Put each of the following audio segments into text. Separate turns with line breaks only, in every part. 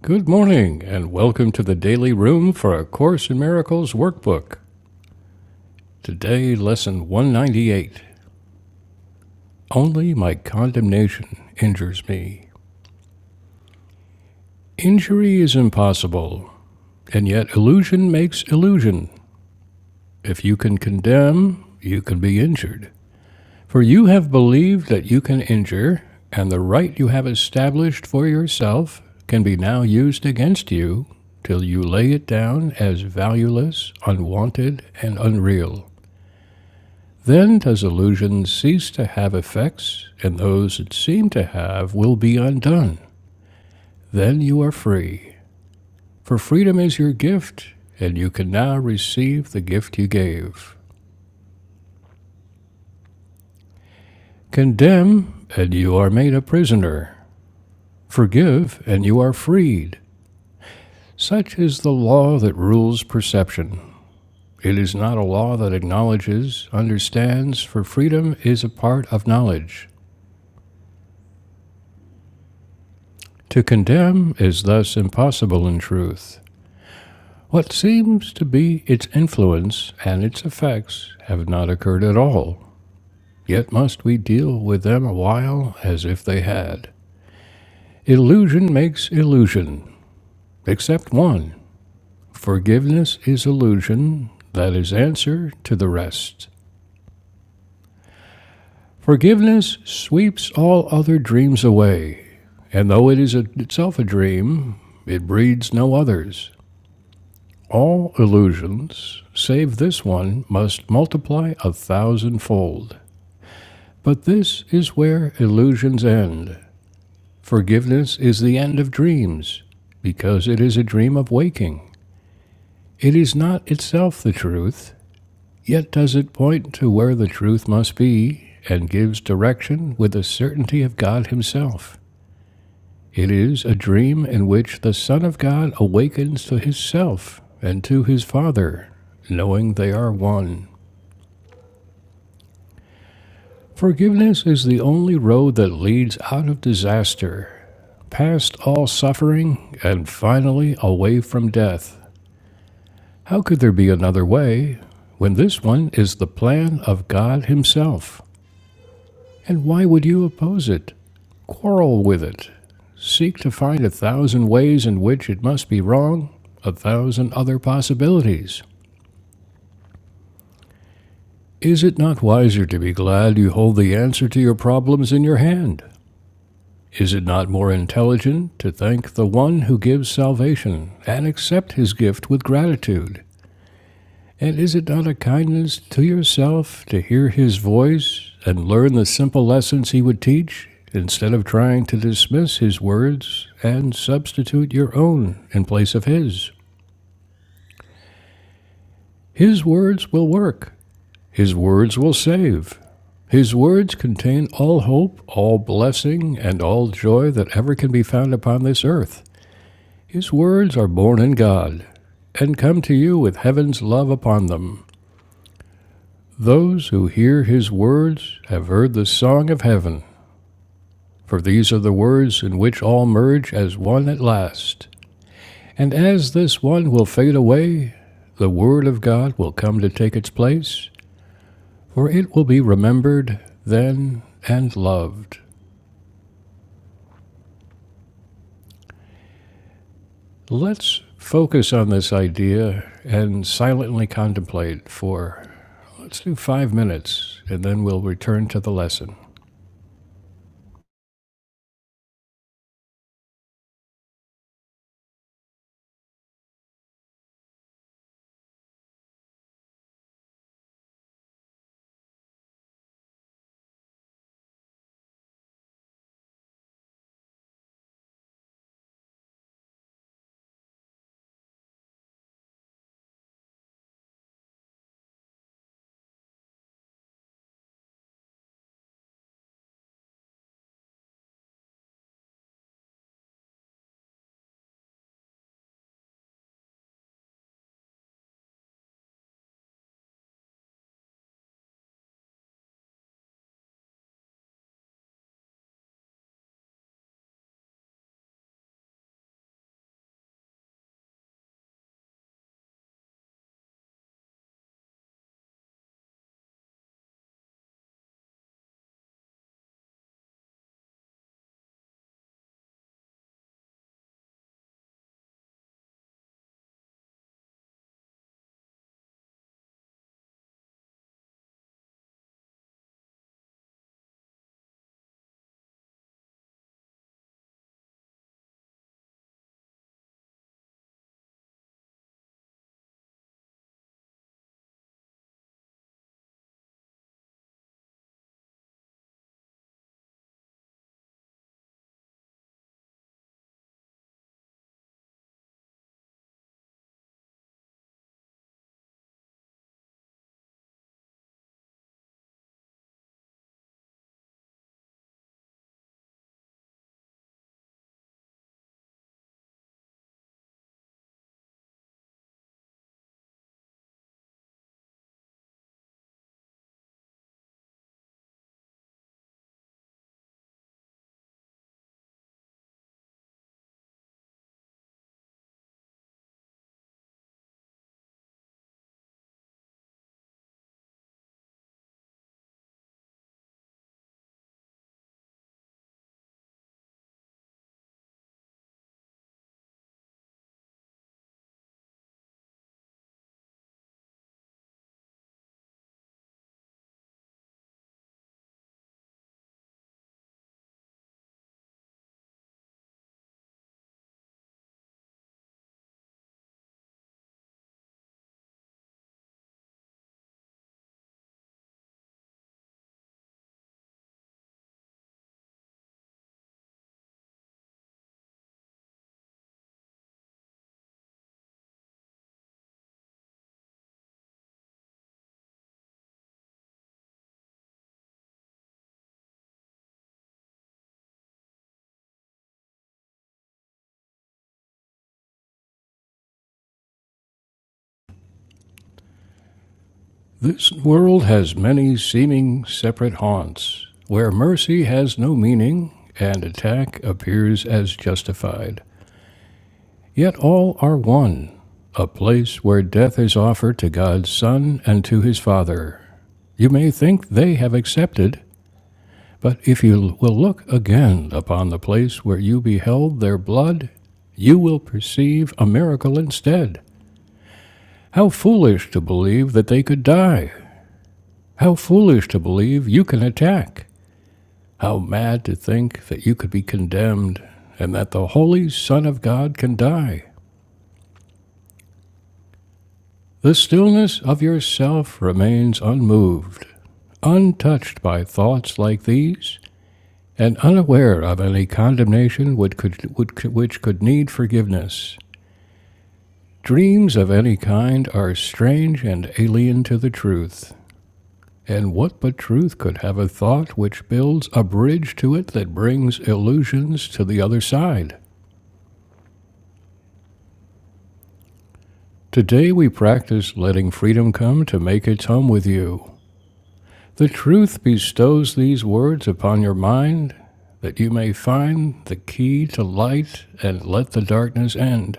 Good morning, and welcome to the Daily Room for A Course in Miracles workbook. Today, lesson 198 Only my condemnation injures me. Injury is impossible, and yet illusion makes illusion. If you can condemn, you can be injured. For you have believed that you can injure, and the right you have established for yourself can be now used against you till you lay it down as valueless, unwanted, and unreal. Then does illusion cease to have effects, and those it seemed to have will be undone. Then you are free. For freedom is your gift, and you can now receive the gift you gave. Condemn, and you are made a prisoner. Forgive, and you are freed. Such is the law that rules perception. It is not a law that acknowledges, understands, for freedom is a part of knowledge. To condemn is thus impossible in truth. What seems to be its influence and its effects have not occurred at all, yet must we deal with them a while as if they had. Illusion makes illusion, except one. Forgiveness is illusion, that is answer to the rest. Forgiveness sweeps all other dreams away, and though it is a, itself a dream, it breeds no others. All illusions, save this one, must multiply a thousandfold. But this is where illusions end. Forgiveness is the end of dreams, because it is a dream of waking. It is not itself the truth, yet does it point to where the truth must be, and gives direction with the certainty of God Himself. It is a dream in which the Son of God awakens to His Self and to His Father, knowing they are one. Forgiveness is the only road that leads out of disaster past all suffering, and finally away from death. How could there be another way when this one is the plan of God Himself? And why would you oppose it, quarrel with it, seek to find a thousand ways in which it must be wrong, a thousand other possibilities? Is it not wiser to be glad you hold the answer to your problems in your hand? Is it not more intelligent to thank the one who gives salvation and accept his gift with gratitude? And is it not a kindness to yourself to hear his voice and learn the simple lessons he would teach, instead of trying to dismiss his words and substitute your own in place of his? His words will work, his words will save. His words contain all hope, all blessing, and all joy that ever can be found upon this earth. His words are born in God and come to you with heaven's love upon them. Those who hear his words have heard the song of heaven, for these are the words in which all merge as one at last. And as this one will fade away, the word of God will come to take its place, for it will be remembered then and loved. Let's focus on this idea and silently contemplate for, let's do five minutes, and then we'll return to the lesson. This world has many seeming separate haunts, where mercy has no meaning and attack appears as justified. Yet all are one, a place where death is offered to God's Son and to his Father. You may think they have accepted, but if you will look again upon the place where you beheld their blood, you will perceive a miracle instead. How foolish to believe that they could die! How foolish to believe you can attack! How mad to think that you could be condemned, and that the Holy Son of God can die! The stillness of yourself remains unmoved, untouched by thoughts like these, and unaware of any condemnation which could, which could need forgiveness. Dreams of any kind are strange and alien to the truth. And what but truth could have a thought which builds a bridge to it that brings illusions to the other side? Today we practice letting freedom come to make its home with you. The truth bestows these words upon your mind that you may find the key to light and let the darkness end.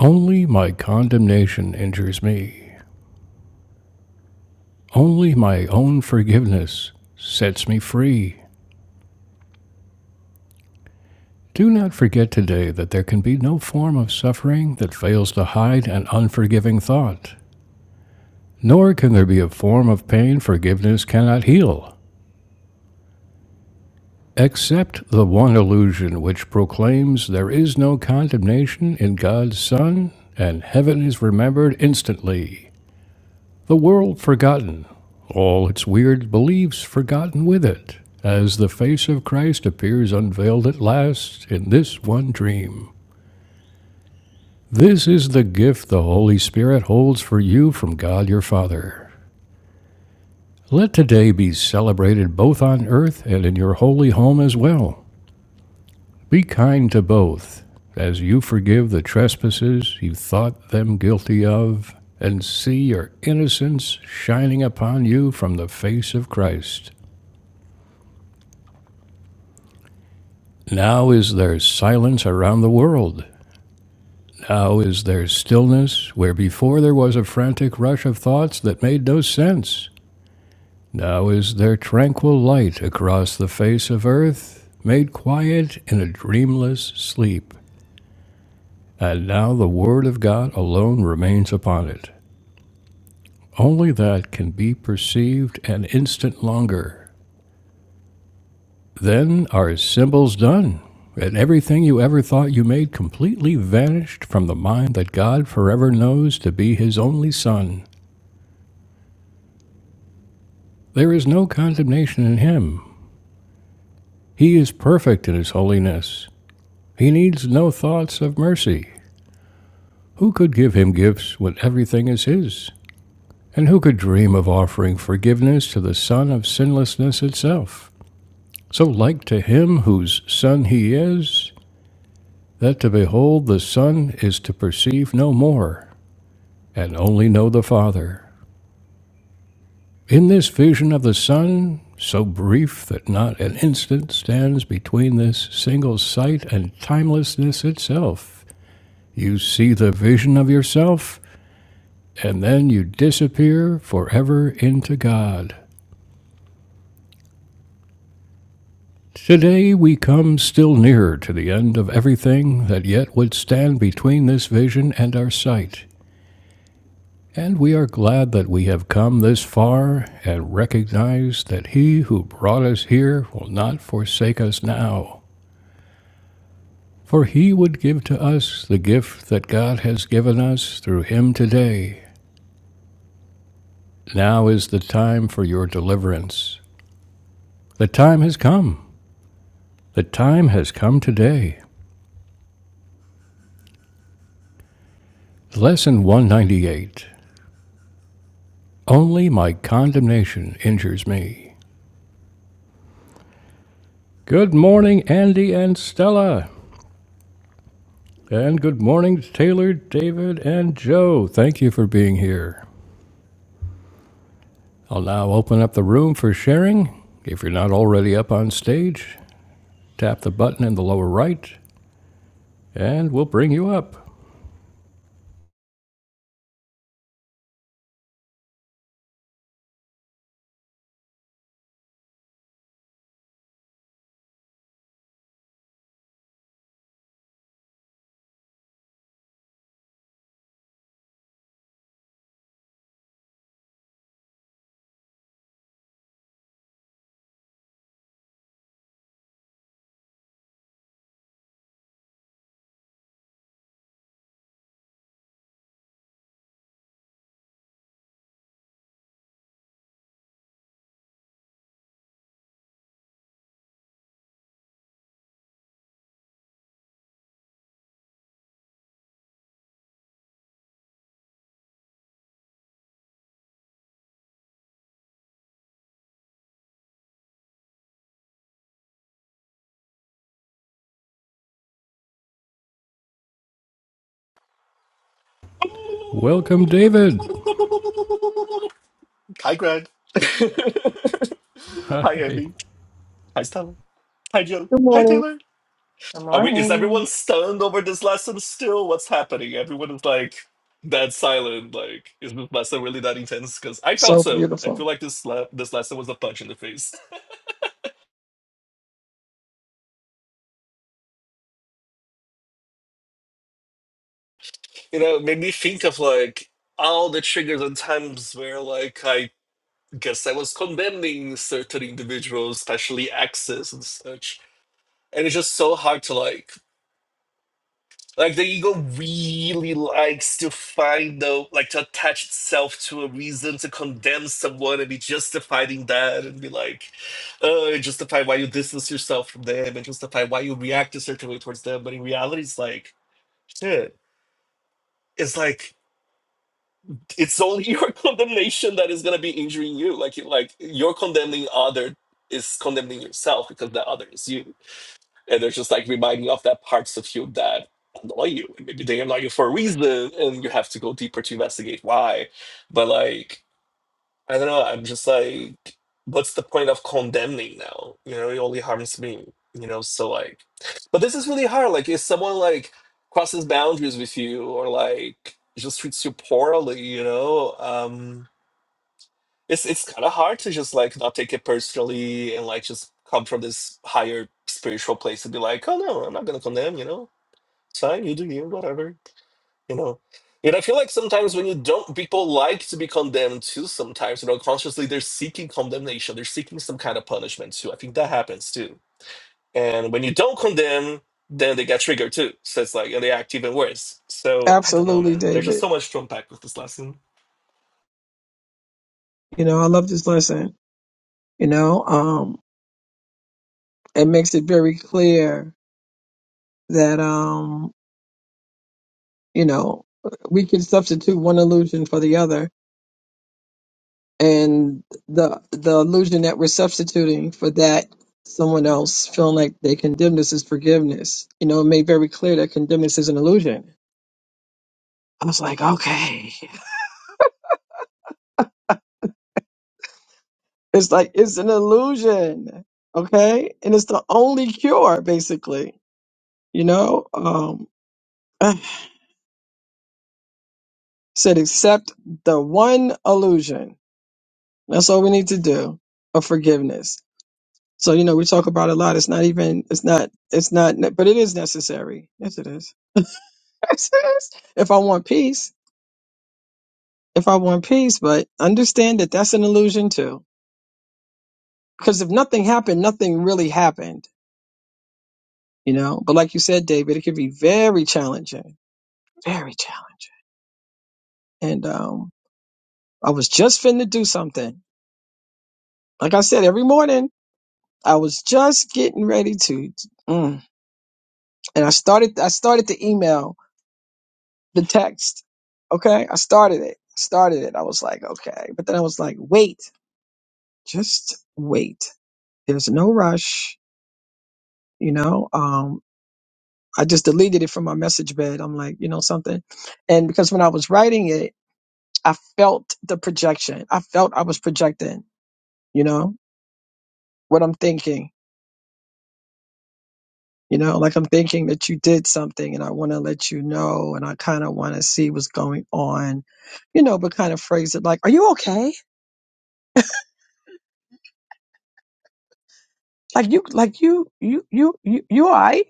Only my condemnation injures me. Only my own forgiveness sets me free. Do not forget today that there can be no form of suffering that fails to hide an unforgiving thought, nor can there be a form of pain forgiveness cannot heal, except the one illusion which proclaims there is no condemnation in God's Son, and heaven is remembered instantly, the world forgotten, all its weird beliefs forgotten with it, as the face of Christ appears unveiled at last in this one dream. This is the gift the Holy Spirit holds for you from God your Father. Let today be celebrated both on earth and in your holy home as well. Be kind to both, as you forgive the trespasses you thought them guilty of, and see your innocence shining upon you from the face of Christ. Now is there silence around the world. Now is there stillness where before there was a frantic rush of thoughts that made no sense. Now is there tranquil light across the face of earth, made quiet in a dreamless sleep. And now the Word of God alone remains upon it, only that can be perceived an instant longer. Then are symbols done, and everything you ever thought you made completely vanished from the mind that God forever knows to be His only Son. There is no condemnation in Him. He is perfect in His holiness. He needs no thoughts of mercy. Who could give him gifts when everything is his? And who could dream of offering forgiveness to the Son of sinlessness itself? So like to him whose Son he is, that to behold the Son is to perceive no more, and only know the Father. In this vision of the Son, so brief that not an instant stands between this single sight and timelessness itself, you see the vision of yourself and then you disappear forever into God. Today we come still nearer to the end of everything that yet would stand between this vision and our sight, and we are glad that we have come this far and recognize that He who brought us here will not forsake us now. For he would give to us the gift that God has given us through him today. Now is the time for your deliverance. The time has come. The time has come today. Lesson 198 Only my condemnation injures me. Good morning, Andy and Stella. And good morning, Taylor, David, and Joe. Thank you for being here. I'll now open up the room for sharing. If you're not already up on stage, tap the button in the lower right and we'll bring you up. Welcome, David.
Hi, Greg. Hi,
Hi.
Andy. Hi, Stella. Hi, Joe.
Good
Hi,
morning.
Taylor.
Good
Are we, is
morning.
everyone stunned over this lesson still? What's happening? Everyone is like that silent. Like, is this lesson really that intense? Because I felt
So
so. I feel
beautiful.
like this le- this lesson was a punch in the face. You know, it made me think of like all the triggers and times where like I guess I was condemning certain individuals, especially exes and such and it's just so hard to like like the ego really likes to find the like to attach itself to a reason to condemn someone and be justified in that and be like uh justify why you distance yourself from them and justify why you react a certain way towards them but in reality it's like shit it's like it's only your condemnation that is gonna be injuring you like you like you're condemning other is condemning yourself because the other is you and they're just like reminding you of that parts of you that annoy you and maybe they annoy you for a reason and you have to go deeper to investigate why but like i don't know i'm just like what's the point of condemning now you know it only harms me you know so like but this is really hard like if someone like crosses boundaries with you or like just treats you poorly you know um, it's it's kind of hard to just like not take it personally and like just come from this higher spiritual place and be like, oh no, I'm not gonna condemn. You know, it's fine. You do you, whatever. You know. And I feel like sometimes when you don't, people like to be condemned too. Sometimes, you know, consciously they're seeking condemnation. They're seeking some kind of punishment too. I think that happens too. And when you don't condemn, then they get triggered too. So it's like, and they act even worse. So I don't know,
Absolutely,
man. There's just
David.
so much to unpack with this lesson.
You know, I love this lesson. You know, um, it makes it very clear that um, you know, we can substitute one illusion for the other, and the the illusion that we're substituting for that someone else feeling like they condemned us is forgiveness. You know, it made very clear that condemnness is an illusion. I was like, okay. It's like it's an illusion. Okay? And it's the only cure, basically You know, um, said accept the one illusion. That's all we need to do of forgiveness. So you know, we talk about a lot. It's not even. It's not. It's not. But it is necessary. Yes, it is. Yes, it is. if I want peace, if I want peace, but understand that that's an illusion too. Because if nothing happened, nothing really happened. You know. But like you said, David, it can be very challenging. Very challenging. And um, I was just finna do something. Like I said, every morning. I was just getting ready to, mm, and I started. I started the email, the text. Okay, I started it. Started it. I was like, okay, but then I was like, wait, just wait. There's no rush. You know, um, I just deleted it from my message bed. I'm like, you know something, and because when I was writing it, I felt the projection. I felt I was projecting. You know what I'm thinking You know, like I'm thinking that you did something and I want to let you know and I kind of want to see what's going on, you know, but kind of phrase it like, are you okay? Like you, like you, you, you, you, you all right?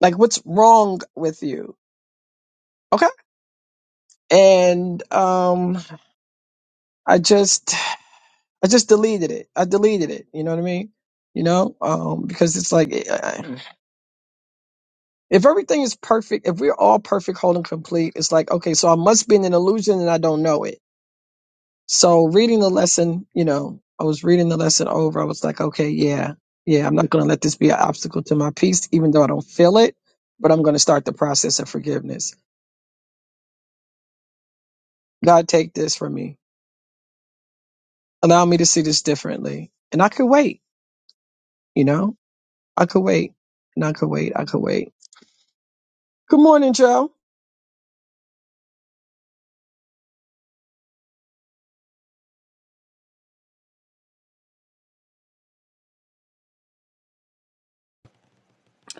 Like what's wrong with you? Okay. And, um, I just, I just deleted it. I deleted it. You know what I mean? You know, um, because it's like, eh, if everything is perfect, if we're all perfect, whole and complete, it's like, okay, so I must be in an illusion and I don't know it So reading the lesson, you know, I was reading the lesson over. I was like, okay, yeah, yeah, I'm not going to let this be an obstacle to my peace, even though I don't feel it, but I'm going to start the process of forgiveness. God, take this from me. Allow me to see this differently. And I could wait, you know, I could wait and I could wait. I could wait. Good morning, Joe.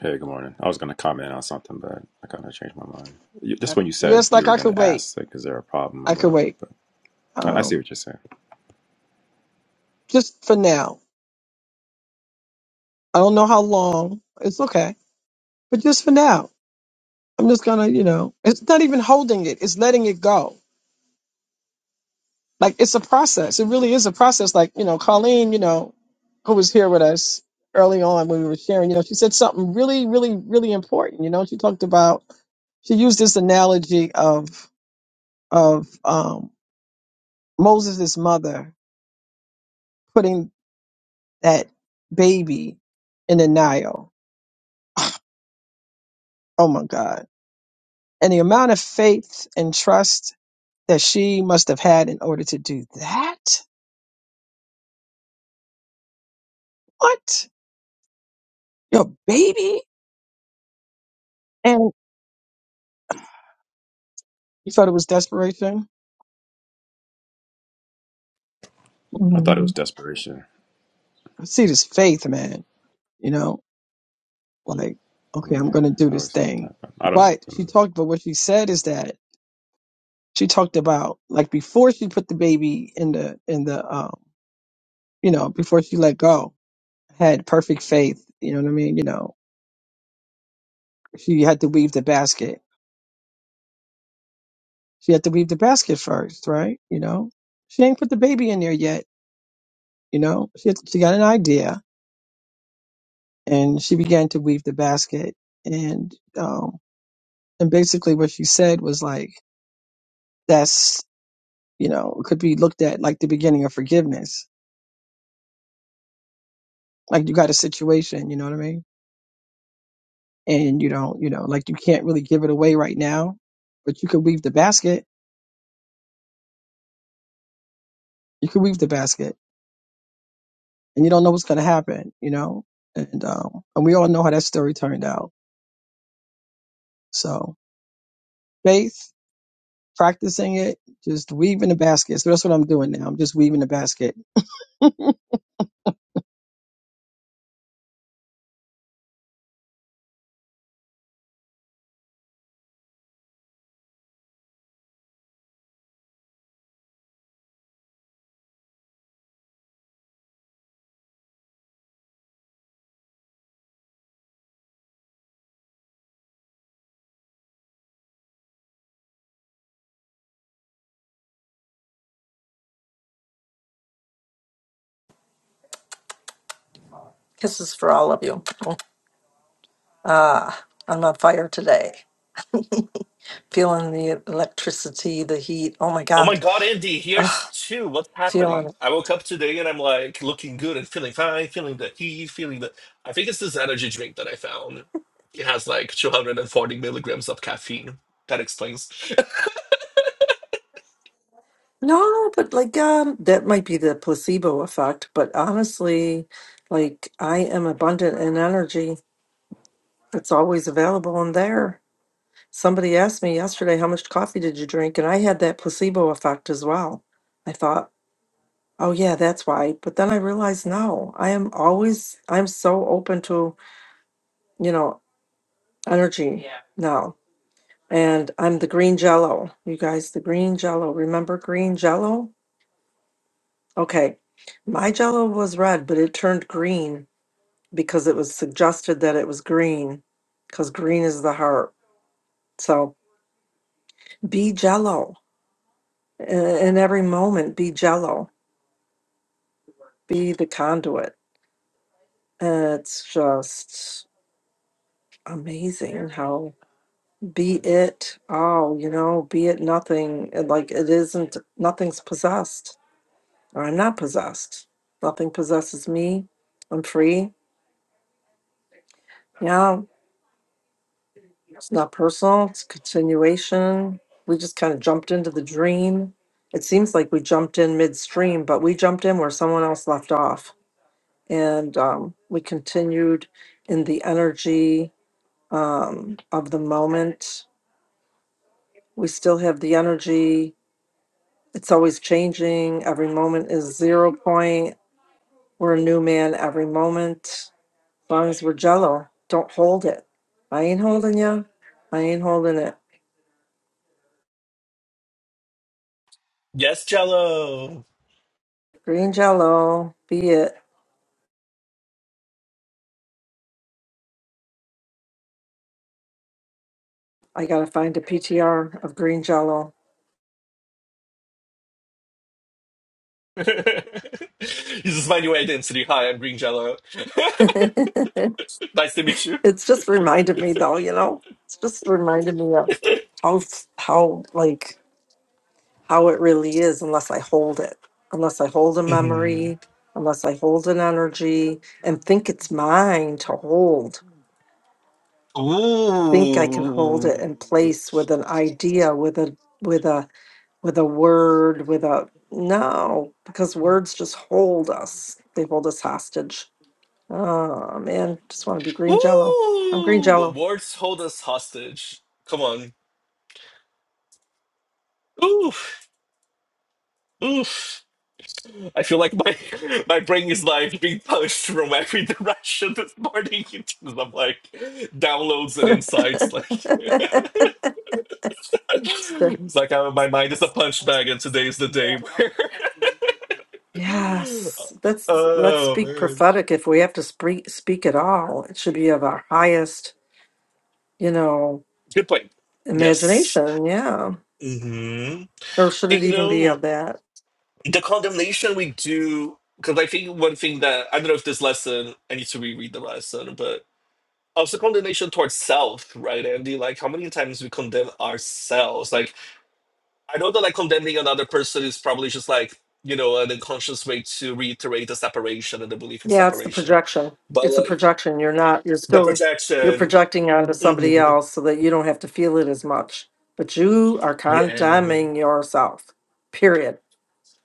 Hey, good morning. I was going to comment on something, but I kind of changed my mind. You, just when you said
Yes,
you
like
were
I
going
could
to
wait.
ask, like, is there a problem or
I could
whatever,
wait.
but I, I see
Um,
what you're saying.
just for now. I don't know how long. It's okay. But just for now, I'm just going to, you know, it's not even holding it. It's letting it go Like it's a process. It really is a process. Like, you know, Colleen, you know, who was here with us early on when we were sharing, you know, she said something really, really, really important. You know, she talked about she used this analogy of of um Moses' mother putting that baby in the Nile. Oh my God. And the amount of faith and trust that she must have had in order to do that. What? Your baby? And you thought it was desperation?
I thought it was desperation.
I see this faith, man. You know, like, okay,
Mm,
I'm gonna
Yeah,
do
I
this
always thought
thing.
that, but I don't know.
But
Who
she
knows?
talked about what she said is that she talked about like before she put the baby in the in the um you know before she let go had perfect faith. You know what I mean? You know, she had to weave the basket. She had to weave the basket first, right? You know, she ain't put the baby in there yet. You know, she had, she got an idea and she began to weave the basket and um and basically what she said was like. that's. you know, it could be looked at like the beginning of forgiveness. Like you got a situation, you know what I mean? And you don't, you know, like you can't really give it away right now, but you could weave the basket. You could weave the basket and you don't know what's going to happen, you know? And, um, and we all know how that story turned out. So faith, practicing it, just weaving the basket. So that's what I'm doing now. I'm just weaving the basket.
Kisses for all of you. Ah, I'm on fire today. Feeling the electricity, the heat. Oh my
Oh my
God.
God, Andy,
Ugh,
here's two. What's
feeling
happening?
it.
I woke up today and I'm like looking good and feeling fine, feeling the heat, feeling the. I think it's this energy drink that I found. It has like 240 milligrams of caffeine. That explains.
No, but like, um, that might be the placebo effect. But honestly, like, I am abundant in energy. It's always available in there. Somebody asked me yesterday, how much coffee did you drink? And I had that placebo effect as well. I thought, oh yeah, that's why. But then I realized, no, I am always, I'm so open to you know, energy now. And I'm the green jello. You guys, the green jello. Remember green jello? Okay. My jello was red, but it turned green because it was suggested that it was green because green is the heart. So be jello I- in every moment. Be jello. Be the conduit. And it's just amazing how be it all, you know, be it nothing. Like it isn't, nothing's possessed or I'm not possessed. Nothing possesses me. I'm free. Yeah, it's not personal. It's a continuation. We just kind of jumped into the dream. It seems like we jumped in midstream, but we jumped in where someone else left off. And um, we continued in the energy um, of the moment. We still have the energy. It's always changing. Every moment is zero point. We're a new man every moment long as we're jello, don't hold it. I ain't holding you. I ain't holding it.
Yes, Jello.
Green jello, be it. I gotta find a PTR of green jello.
this is my new identity. Hi, I'm Green Jello.
it's
nice to meet you.
just reminded me though, you know, it's just reminded me of how, f- how, like, how it really is unless I hold it, unless I hold a
Mhm.
memory, unless I hold an energy and think it's mine to hold. Think I can hold it
Ooh.
in place with an idea, with a, with a, with a word, with a no, because words just hold us. They hold us hostage. Oh man, just want to be green jello. I'm green
Ooh.
jello.
Awards hold us hostage. Come on. Oof. Oof. I feel like my my brain is like being punched from every direction this morning in terms of like downloads and insights. Like it's like I, my mind is a punch bag, and today is the day where.
yes, let's let's
oh
speak
man,
prophetic. If we have to speak speak at all, it should be of our highest, you know,
good point. Yes.
imagination. Yeah,
hmm
or should it
And you
even be
know
of that?
the condemnation we do because I think one thing that I don't know if this lesson I need to reread the lesson, but. also condemnation towards self, right, Andy? Like how many times we condemn ourselves? Like I know that like condemning another person is probably just like you know an unconscious way to reiterate the separation and the belief in
Yeah, it's the
separation,
projection.
but
It's a
like
projection. You're not, you're
the
still, you're
projection.
projecting onto somebody
hmm
else so that you don't have to feel it as much. But you are
Yeah.
condemning yourself, period.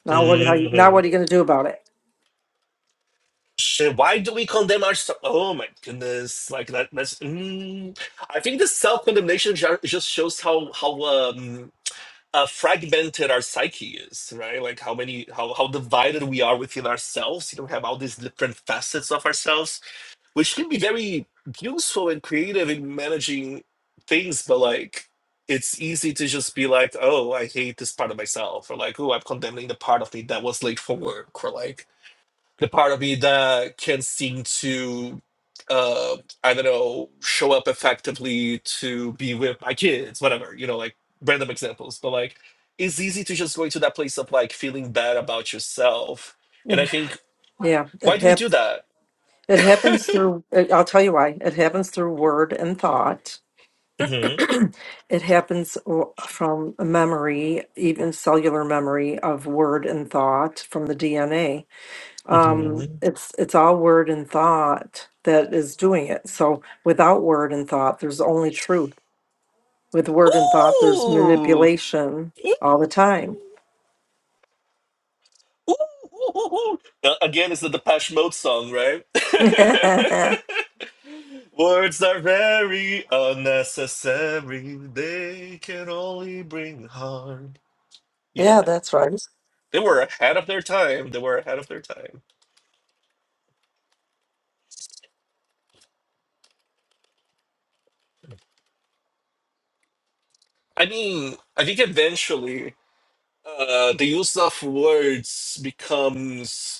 Now what, how, you- now
hmm
what are you going to do about it?
Shit, why do we condemn ourselves? Oh my goodness! Like that. That's. Mm. I think the self condemnation just shows how how um uh, fragmented our psyche is, right? Like how many, how how divided we are within ourselves. You know, we have all these different facets of ourselves, which can be very useful and creative in managing things. But like, it's easy to just be like, "Oh, I hate this part of myself," or like, "Oh, I'm condemning the part of me that was late for work," or like, the part of me that can seem to uh i don't know show up effectively to be with my kids whatever you know like random examples but like it's easy to just go into that place of like feeling bad about yourself and i
And,
think
yeah,
why
it
do we do
hap-
that
it happens through, it, I'll tell you why. It happens through word and thought.
hmm
it happens w- from memory, even cellular memory of word and thought from the DNA
hmm
um it's it's all word and thought that is doing it so without word and thought there's only truth with word and thought there's
ooh
manipulation all the time
Ooh, ooh, ooh, ooh. Uh, Again, it's the Depeche Mode song, right?
yeah
Words are very unnecessary. They can only bring harm. Yeah,
that's right
they were ahead of their time. They were ahead of their time. I mean, I think eventually, uh, the use of words becomes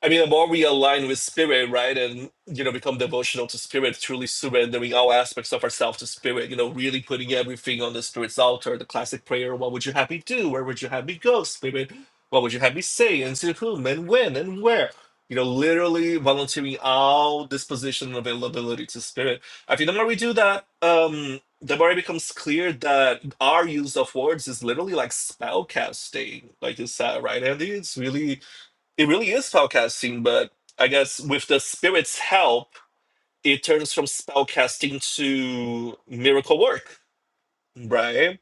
I mean, the more we align with spirit, right, and you know, become devotional to spirit, truly surrendering all aspects of ourselves to spirit, you know, really putting everything on the spirit's altar, the classic prayer, what would you have me do? Where would you have me go, spirit? What would you have me say? And to whom and when and where? You know, literally volunteering all disposition and availability to spirit. I think the more we do that, um, the more it becomes clear that our use of words is literally like spell casting, like you said, right, Andy? It's really it really is spellcasting, but I guess with the spirit's help, it turns from spellcasting to miracle work, right?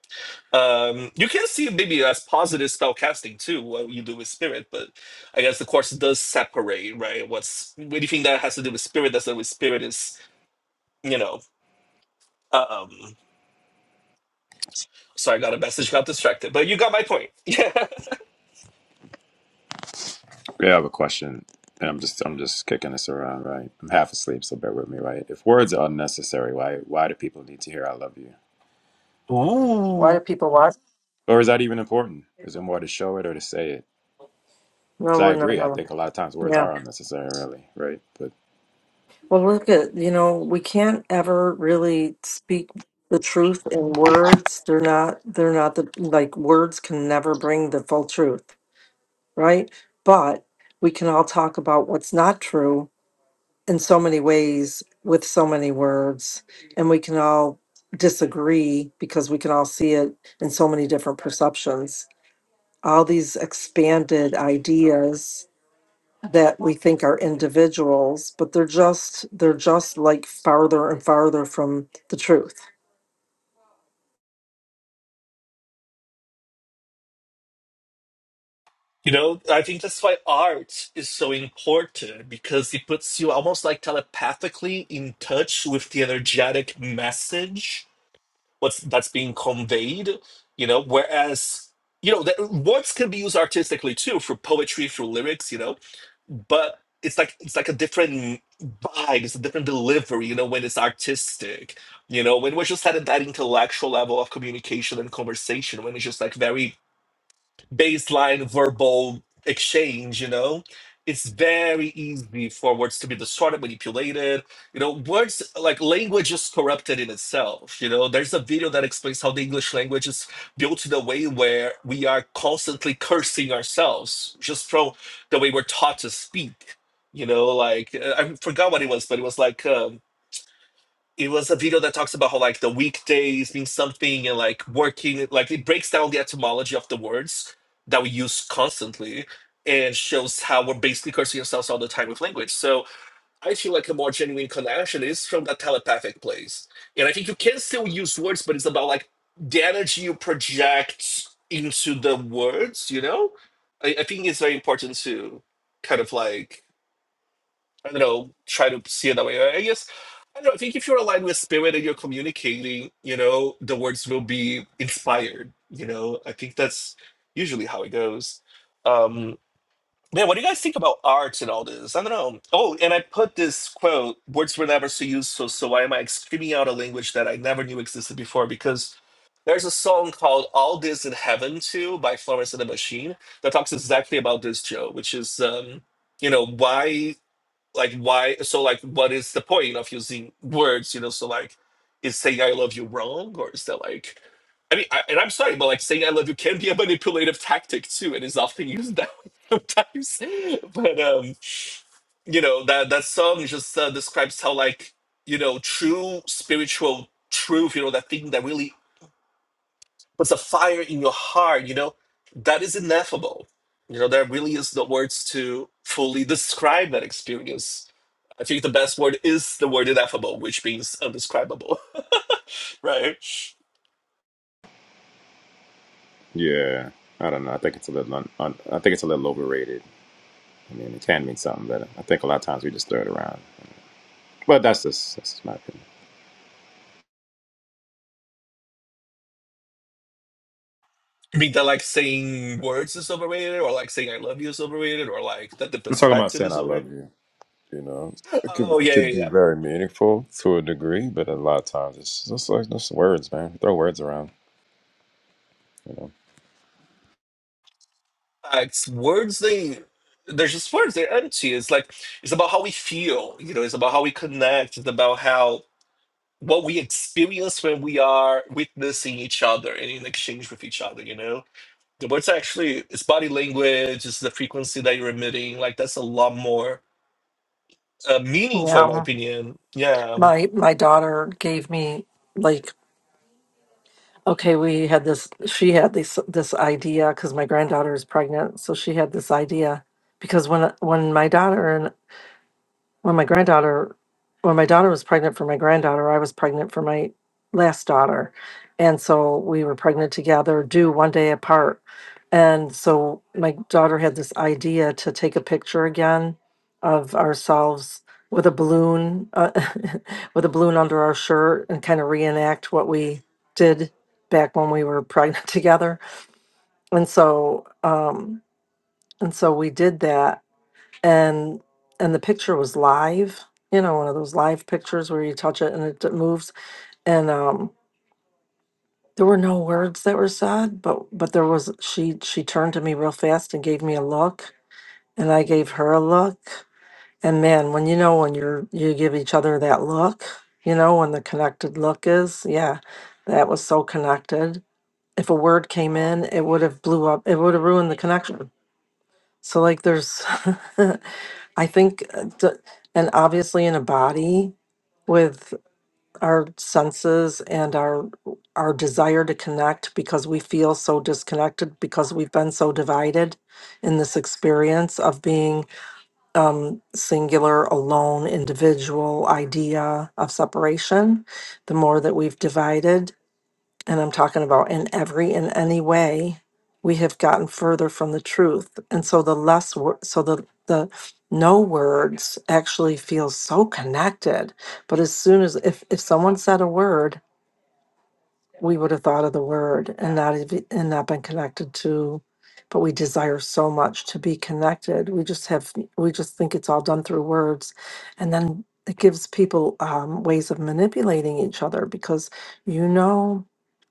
Um, you can see it maybe as positive spellcasting too, what you do with spirit, but I guess the course does separate, right? What's anything that has to do with spirit that's not with spirit is, you know, um sorry, I got a message, got distracted, but you got my point. Yeah.
Okay, I have a question, and I'm just I'm just kicking this around, right? I'm half asleep, so bear with me, right? If words are unnecessary, why why do people need to hear "I love you"?
why
Ooh.
do people watch
Or is that even important? Is it more to show it or to say it? Because
no
I
no
agree, I
no
think a lot of times words
yeah
are unnecessary, really, right? But
well look at you know we can't ever really speak the truth in words they're not they're not the like words can never bring the full truth right but we can all talk about what's not true in so many ways with so many words and we can all disagree because we can all see it in so many different perceptions all these expanded ideas that we think are individuals but they're just they're just like farther and farther from the truth
You know, I think that's why art is so important because it puts you almost like telepathically in touch with the energetic message what's that's being conveyed, you know, whereas you know, that words can be used artistically too through poetry, through lyrics, you know, but it's like it's like a different vibe, it's a different delivery, you know, when it's artistic. You know, when we're just at that intellectual level of communication and conversation, when it's just like very baseline verbal exchange, you know? It's very easy for words to be distorted, manipulated. You know, words like language is corrupted in itself. You know, there's a video that explains how the English language is built in a way where we are constantly cursing ourselves just from the way we're taught to speak. You know, like uh, I forgot what it was, but it was like. um, it was a video that talks about how like the weekdays mean something and like working like it breaks down the etymology of the words that we use constantly and shows how we're basically cursing ourselves all the time with language so i feel like a more genuine connection is from that telepathic place and i think you can still use words but it's about like the energy you project into the words you know i, I think it's very important to kind of like I don't know, try to see it that way. I guess I don't know. I think if you're aligned with spirit and you're communicating, you know, the words will be inspired. You know, I think that's usually how it goes. Um, man, what do you guys think about art and all this? I don't know. Oh, and I put this quote: "Words were never so useful, so why am I screaming out a language that I never knew existed before?" Because there's a song called "All This in Heaven" too by Florence and the Machine that talks exactly about this, Joe, which is. Um, you know why like why so like what is the point of using words you know so like is saying i love you wrong or is that like i mean I, and i'm sorry but like saying i love you can be a manipulative tactic too and is often used that way sometimes but um you know that that song just uh, describes how like you know true spiritual truth you know that thing that really but the fire in your heart, you know, that is ineffable. You know, there really is no words to fully describe that experience. I think the best word is the word ineffable, which means undescribable, right?
Yeah, I don't know. I think it's a little un, un, I think it's a little overrated. I mean, it can mean something, but I think a lot of times we just throw it around. But that's just that's just my opinion.
I mean, that like saying words is overrated, or like saying I love you is overrated, or like that the
I'm talking about
perspective
saying
is
I love
overrated.
you. You know, it could
Oh
it
yeah, yeah,
could be
yeah.
very meaningful to a degree, but a lot of times it's just like just words, man. Throw words around. You know,
Facts. Words they they're just words. They're empty. It's like it's about how we feel. You know, it's about how we connect. It's about how what we experience when we are witnessing each other and in exchange with each other, you know? The words are actually, it's body language, it's the frequency that you're emitting. Like, that's a lot more uh, meaningful, in my
yeah
opinion. Yeah, um,
my my daughter gave me like okay we had this she had this this idea because my granddaughter is pregnant so she had this idea because when when my daughter and when my granddaughter when my daughter was pregnant for my granddaughter i was pregnant for my last daughter and so we were pregnant together due one day apart and so my daughter had this idea to take a picture again of ourselves with a balloon uh, with a balloon under our shirt and kind of reenact what we did back when we were pregnant together and so um and so we did that and and the picture was live you know one of those live pictures where you touch it and it d- moves and um there were no words that were said but but there was she she turned to me real fast and gave me a look and i gave her a look and man when you know when you're you give each other that look you know when the connected look is yeah that was so connected if a word came in it would have blew up it would have ruined the connection So like there's I think uh, d- and obviously in a body with our senses and our our desire to connect because we feel so disconnected because we've been so divided in this experience of being um, singular alone individual idea of separation the more that we've divided and I'm talking about in every and any way, we have gotten further from the truth. And so the less, wor- so the, the no words actually feels so connected. But as soon as, if, if someone said a word we would have thought of the word and not even, and not been connected to but we desire so much to be connected we just have we just think it's all done through words and then it gives people um, ways of manipulating each other because you know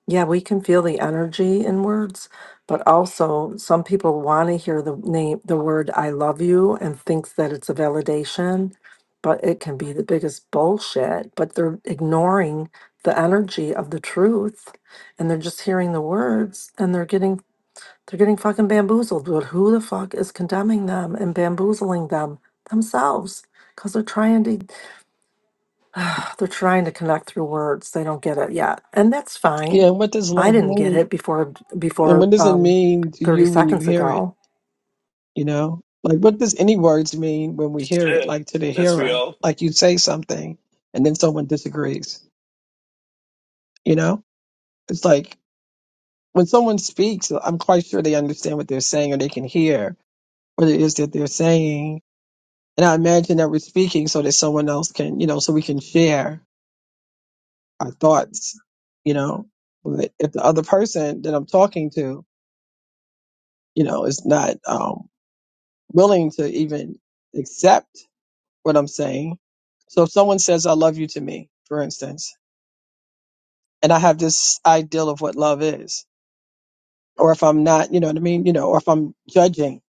yeah we can feel the energy in words but also some people want to hear the name the word i love you and thinks that it's a validation but it can be the biggest bullshit but they're ignoring the energy of the truth and they're just hearing the words and they're getting they're getting fucking bamboozled but who the fuck is condemning them and bamboozling them themselves because they're trying to they're trying to connect through words they don't get it yet and that's
Yeah.
fine
And what does
i
love
didn't get
mean?
it before
And what
before
does it
um
mean to
30
you when you
seconds
hear it?
ago
You know, like what does any words mean when we hear it,
eh,
like to the
that's
hearer?
real.
Like you say something and then someone disagrees. You know, it's like when someone speaks, I'm quite sure they understand what they're saying or they can hear what it is that they're saying. And I imagine that we're speaking so that someone else can, you know, so we can share our thoughts, you know. But if the other person that I'm talking to, you know, is not um, willing to even accept what I'm saying. So if someone says, I love you to me, for instance, and I have this ideal of what love is, or if I'm not, you know what I mean? You know, or if I'm judging,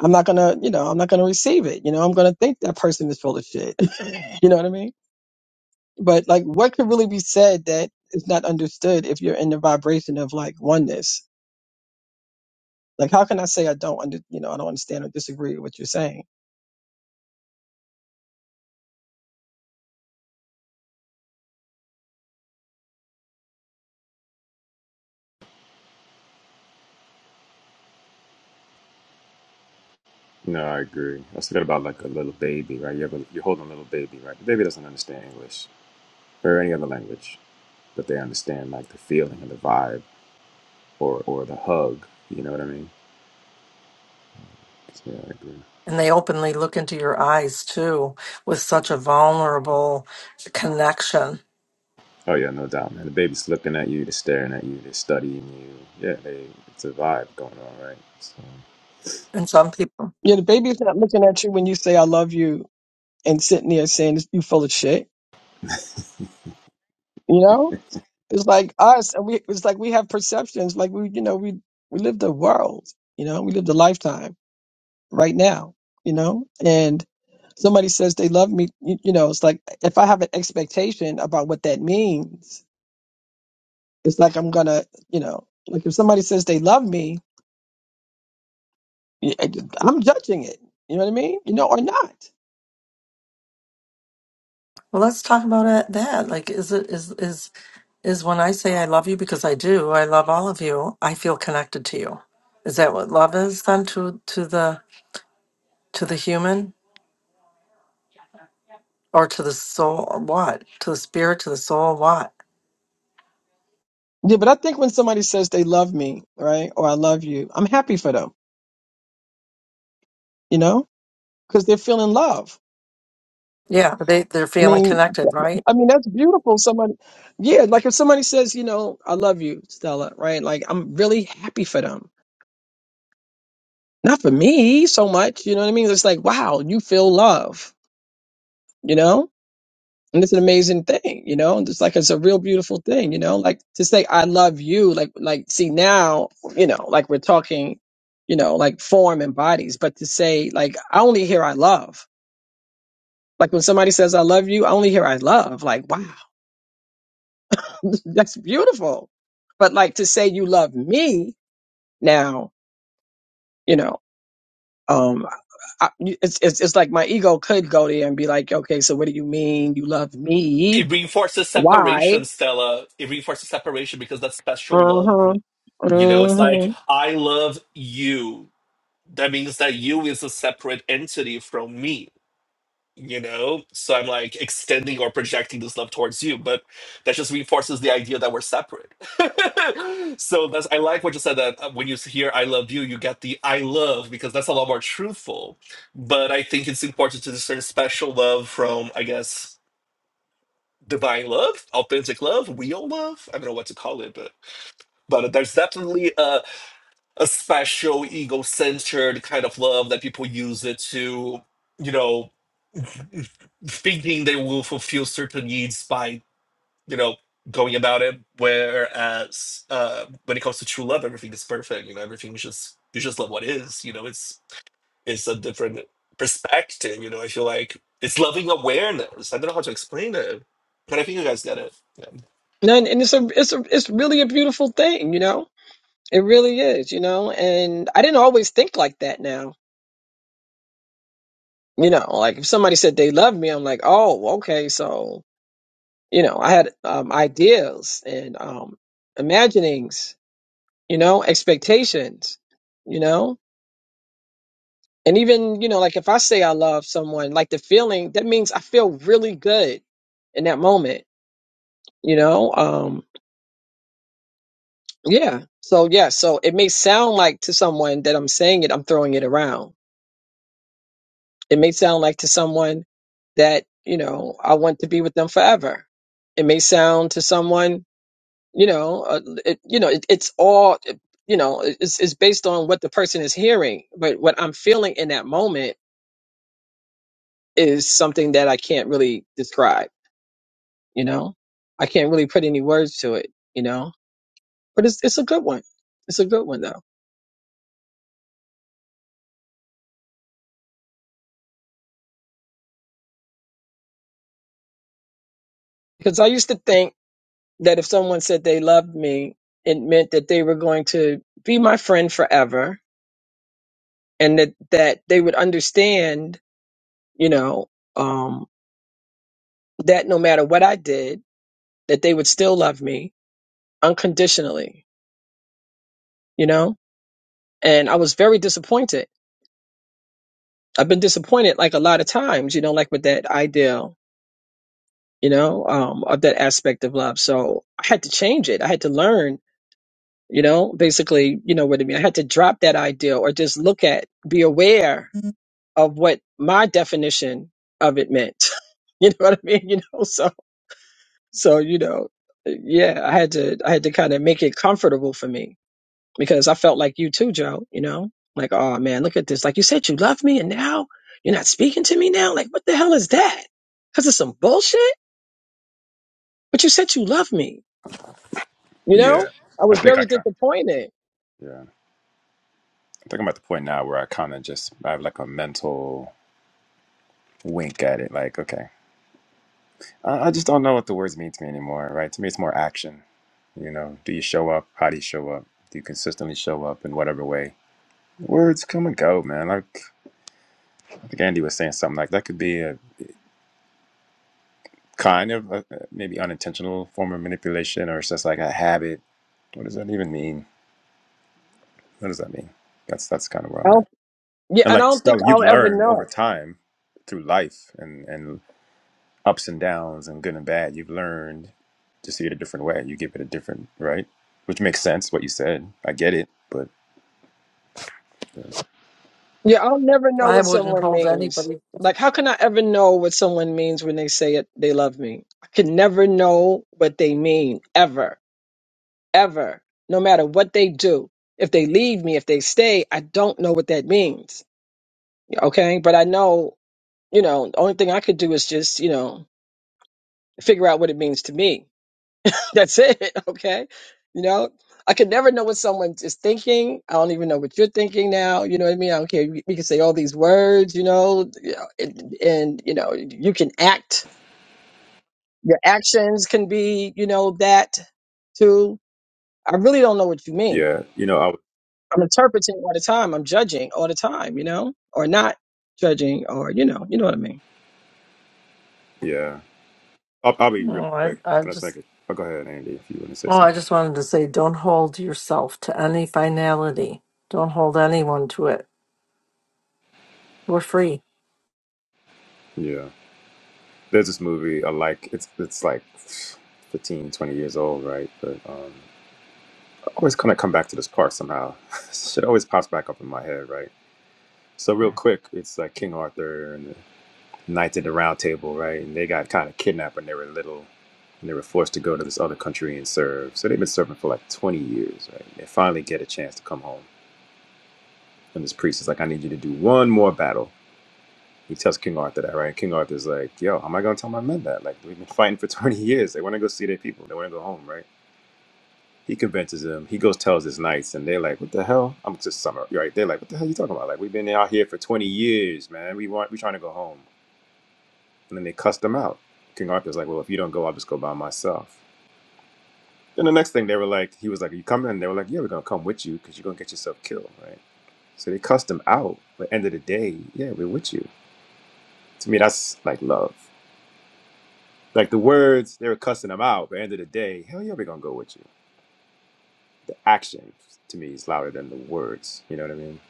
I'm not going to, you know, I'm not going to receive it. You know, I'm going to think that person is full of shit. you know what I mean? But like, what could really be said that is not understood if you're in the vibration of like oneness? Like, how can I say I don't under, you know, I don't understand or disagree with what you're saying?
No, I agree. Let's forget about like a little baby, right? You have a, you're holding a little baby, right? The baby doesn't understand English or any other language, but they understand like the feeling and the vibe or or the hug. You know what I mean? So, yeah, I agree.
and they openly look into your eyes too with such a vulnerable connection
Oh yeah, no doubt, man. The baby's looking at you, they're staring at you, they're studying you. Yeah, they it's a vibe going on, right? So
and some people
Yeah, the baby's not looking at you when you say I love you and sitting there saying you full of shit. You know? It's like us, and we it's like we have perceptions, like we you know we we live the world, you know, we live the lifetime right now, you know, and somebody says they love me, you, you know, it's like if I have an expectation about what that means, it's like I'm gonna, you know, like if somebody says they love me, yeah, I'm judging it, you know what I mean, you know, or not.
well let's talk about it, that like is it is is is when I say I love you because I do, I love all of you, I feel connected to you. Is that what love is then to to the to the human or to the soul or what? To the spirit, to the soul, what?
Yeah, but I think when somebody says they love me, right, or I love you, I'm happy for them, you know, because they're feeling love
Yeah, but they they're
I
feeling
mean,
connected, right?
I mean that's beautiful. Somebody, yeah, like if somebody says, you know, I love you, Stella, right? Like I'm really happy for them, not for me so much. You know what I mean? It's like, wow, you feel love, you know, and it's an amazing thing, you know. And it's like it's a real beautiful thing, you know. Like to say I love you, like like see now, you know, like we're talking, you know, like form and bodies, but to say like I only hear I love. Like when somebody says I love you, I only hear I love. Like wow That's beautiful. But like to say you love me now, you know, um, I, it's, it's it's like my ego could go there and be like, okay, so what do you mean you love me?
It reinforces
Why?
separation, Stella. It reinforces separation because that's
Uh
special love.
huh.
You know, it's like,
mm
I love you. That means that you is a separate entity from me you know so i'm like extending or projecting this love towards you but that just reinforces the idea that we're separate so that's i like what you said that uh, when you hear i love you you get the i love because that's a lot more truthful but i think it's important to discern special love from i guess divine love authentic love real love i don't know what to call it but but there's definitely a, a special ego-centered kind of love that people use it to you know thinking they will fulfill certain needs by you know going about it whereas uh when it comes to true love everything is perfect you know everything is just you just love what is you know it's it's a different perspective you know i feel like it's loving awareness i don't know how to explain it but i think you guys get it yeah.
And, and it's a it's a it's really a beautiful thing, you know. It really is, you know. And I didn't always think like that. Now, you know, like if somebody said they love me, I'm like, oh, okay, so you know, I had um, ideas and um, imaginings you know, expectations, you know, and even, you know, like if I say I love someone, like the feeling, that means I feel really good in that moment, you know? Um, yeah. So, yeah. So it may sound like to someone that I'm saying it, I'm throwing it around. It may sound like to someone that, you know, I want to be with them forever. It may sound to someone, you know, uh, it, you know, it, it's all, you know, it's, it's based on what the person is hearing, but what I'm feeling in that moment is something that I can't really describe, you know? I can't really put any words to it, you know? But it's it's a good one. It's a good one though. Because I used to think that if someone said they loved me, it meant that they were going to be my friend forever and that that they would understand, you know, um that no matter what I did, that they would still love me unconditionally, you know? And I was very disappointed. I've been disappointed like a lot of times, you know, like with that ideal you know, um, of that aspect of love. So I had to change it. I had to learn, you know, basically, you know what I mean? I had to drop that idea or just look at, be aware of what my definition of it meant. you know what I mean? You know, so, so, you know, yeah, I had to, I had to kind of make it comfortable for me because I felt like you too, Joe, you know, like, oh man, look at this. Like you said, you love me and now you're not speaking to me now. Like, what the hell is that? Cause it's some bullshit, but you said you love me You
Yeah,
know, I
I
was
think I
very
kind.
disappointed.
yeah. I think I'm at the point now where I kind of just I have like a mental wink at it, like, okay. I, I just don't know what the words mean to me anymore, right? To me it's more action. You know, do you show up? How do you show up? Do you consistently show up in whatever way? Words come and go, man. Like I think Andy was saying something like that could be a kind of a, maybe unintentional form of manipulation, or it's just like a habit What does that even mean? What does that mean? That's that's kind of where
I
I'm
don't,
at.
yeah,
And
and I
like
don't think
Stella, you've
I'll ever
learned over
know.
time through life and and ups and downs and good and bad. You've learned to see it a different way. You give it a different right, which makes sense. What you said, I get it. But
Yeah, I'll never know
I
what
wouldn't
someone
hold
means.
anybody.
Like, how can I ever know what someone means when they say it, they love me? I can never know what they mean, ever, ever, no matter what they do. If they leave me, if they stay, I don't know what that means. Okay. But I know, you know, the only thing I could do is just, you know, figure out what it means to me That's it. Okay. You know, I could never know what someone is thinking. I don't even know what you're thinking now. You know what I mean? I don't care. We we can say all these words, you know, you know, and, and, you know, you can act. Your actions can be, you know, that too. I really don't know what you mean.
yeah, you know, I would-
I'm interpreting all the time. I'm judging all the time, you know, or not judging, or, you know, you know what I mean.
yeah, I'll, I'll be real
No, I
quick.
I
Can I just make
just
it? Oh, go ahead, Andy, if you want to say
oh, I
something.
just wanted to say don't hold yourself to any finality. Don't hold anyone to it. We're free.
Yeah, there's this movie I like. It's it's like 15, 20 years old, right? But um, always kind of come back to this part somehow. Shit always pops back up in my head, right? So real quick, it's like King Arthur and the Knights of the Round Table, right? And they got kind of kidnapped when they were little, and they were forced to go to this other country and serve. So they've been serving for like 20 years, right? They finally get a chance to come home, and this priest is like, "I need you to do one more battle." He tells King Arthur that, right? King Arthur's like, "Yo, how am I gonna tell my men that? Like, we've been fighting for 20 years. They want to go see their people. They want to go home, right?" He convinces them. He goes tells his knights, and they're like, "What the hell?" I'm just summer right. They're like, "What the hell are you talking about? Like we've been out here for 20 years, man. We want we trying to go home." And then they cussed them out. King Arthur's like, "Well, if you don't go, I'll just go by myself." Then the next thing they were like, he was like, "Are you coming?" And they were like, "Yeah, we're gonna come with you because you're gonna get yourself killed, right?" So they cussed him out. But end of the day, yeah, we're with you. To me, that's like love. Like the words, they were cussing him out. But end of the day, hell yeah, we're gonna go with you. The action to me is louder than the words. You know what I mean?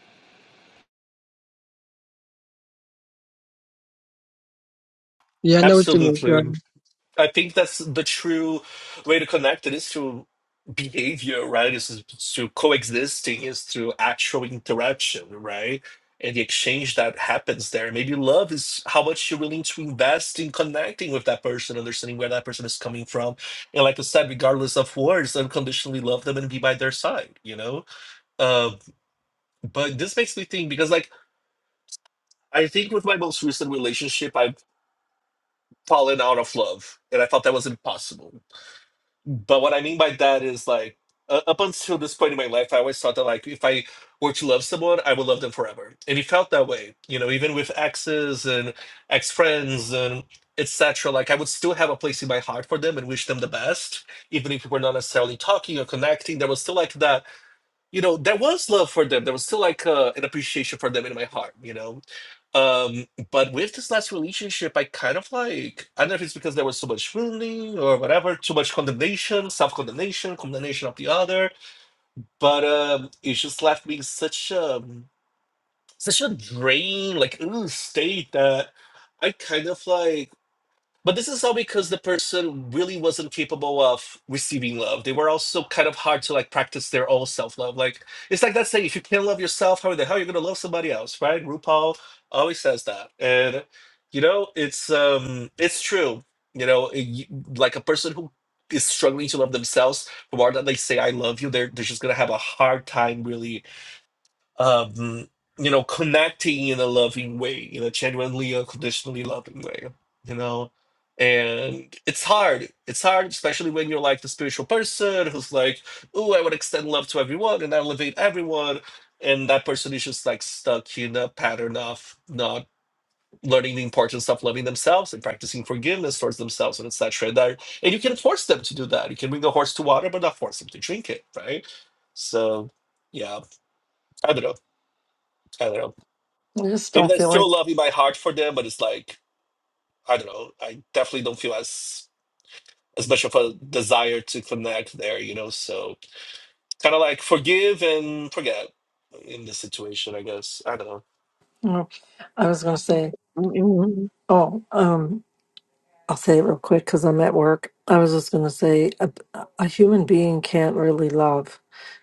Yeah, I know what you
absolutely I think that's the true way to connect it is through behavior, right? Is through coexisting, is through actual interaction, right? And the exchange that happens there. Maybe love is how much you're willing to invest in connecting with that person, understanding where that person is coming from. And like I said, regardless of words, unconditionally love them and be by their side, you know? Uh, but this makes me think because, like, I think with my most recent relationship, I've fallen out of love. And I thought that was impossible But what I mean by that is like uh, up until this point in my life, I always thought that like if I were to love someone, I would love them forever, and it felt that way. You know, even with exes and ex friends and etc. Like I would still have a place in my heart for them and wish them the best, even if we were not necessarily talking or connecting. There was still like that you know there was love for them there was still like uh, an appreciation for them in my heart you know um but with this last relationship i kind of like i don't know if it's because there was so much wounding or whatever too much condemnation self-condemnation condemnation condemnation of the other but um it just left me in such a such a drain like ooh, state that i kind of like but this is all because the person really wasn't capable of receiving love. They were also kind of hard to like practice their own self love. Like it's like that saying, if you can't love yourself, how the hell are you gonna love somebody else, right? RuPaul always says that, and you know it's um it's true. You know, it- you- like a person who is struggling to love themselves, the more that they say I love you, they're they're just gonna have a hard time really um, you know, connecting in a loving way, in a genuinely unconditionally loving way, you know. And it's hard. It's hard, especially when you're like the spiritual person who's like, oh, I would extend love to everyone and elevate everyone. And that person is just like stuck in a pattern of not learning the importance of loving themselves and practicing forgiveness towards themselves and etc. And, that- and you can force them to do that. You can bring a horse to water, but not force them to drink it, right? So yeah, I don't know. I don't know
I just
maybe
don't
I
feel like
still love in my heart for them, but it's like I don't know. I definitely don't feel as as much of a desire to connect there, you know. So kind of like forgive and forget in this situation, I guess. I don't know.
you know, I was gonna say,
mean.
oh, um, I'll say it real quick because I'm at work. I was just going to say a, a human being can't really love,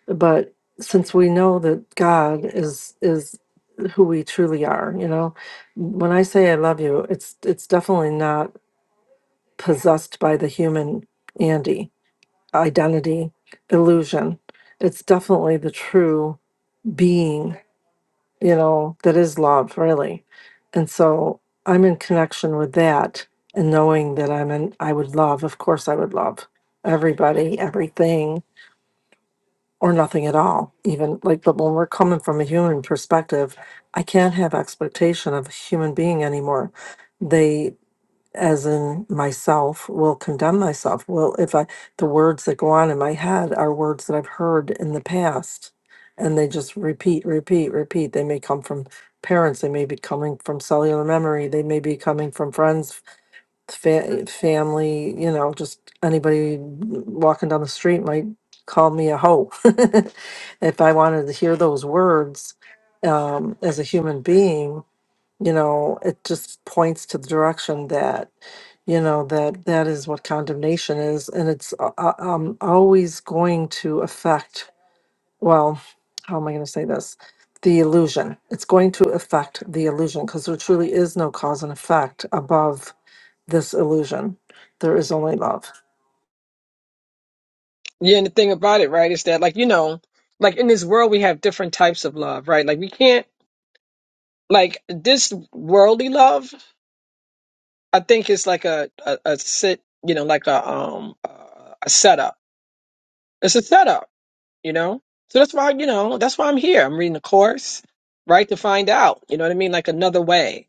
but since we know that God is is who we truly are, you know, when I say I love you, it's it's definitely not possessed by the human Andy identity illusion. It's definitely the true being you know, that is love, really. And so I'm in connection with that and knowing that I'm in, I would love, of course, I would love everybody, everything, or nothing at all, even like, but when we're coming from a human perspective, I can't have expectation of a human being anymore. They as in myself will condemn myself well if i the words that go on in my head are words that i've heard in the past and they just repeat repeat repeat they may come from parents they may be coming from cellular memory they may be coming from friends fa- family you know just anybody walking down the street might call me a hoe if i wanted to hear those words um, as a human being you know it just points to the direction that you know that that is what condemnation is and it's uh, uh, um, always going to affect well how am i going to say this the illusion it's going to affect the illusion because there truly is no cause and effect above this illusion there is only love
Yeah, and the thing about it, right, is that like, you know, like in this world we have different types of love, right? Like we can't like this worldly love, I think is like a a, a sit, you know, like a um uh, a setup. It's a setup, you know? So that's why, you know, that's why I'm here. I'm reading the course, right, to find out, you know what I mean, like another way.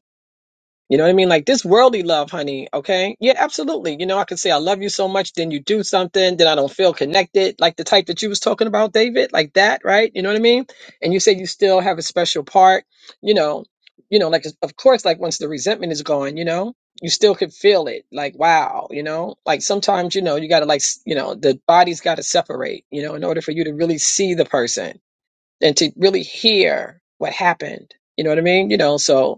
You know what I mean? Like this worldly love, honey. Okay. Yeah, absolutely. You know, I can say I love you so much, then you do something, then I don't feel connected, like the type that you was talking about, David, like that, right? You know what I mean? And you say you still have a special part, you know, you know, like of course, like once the resentment is gone, you know, you still could feel it. Like, wow, you know, like sometimes, you know, you gotta like s- you know, the body's gotta separate, you know, in order for you to really see the person and to really hear what happened. You know what I mean? You know, so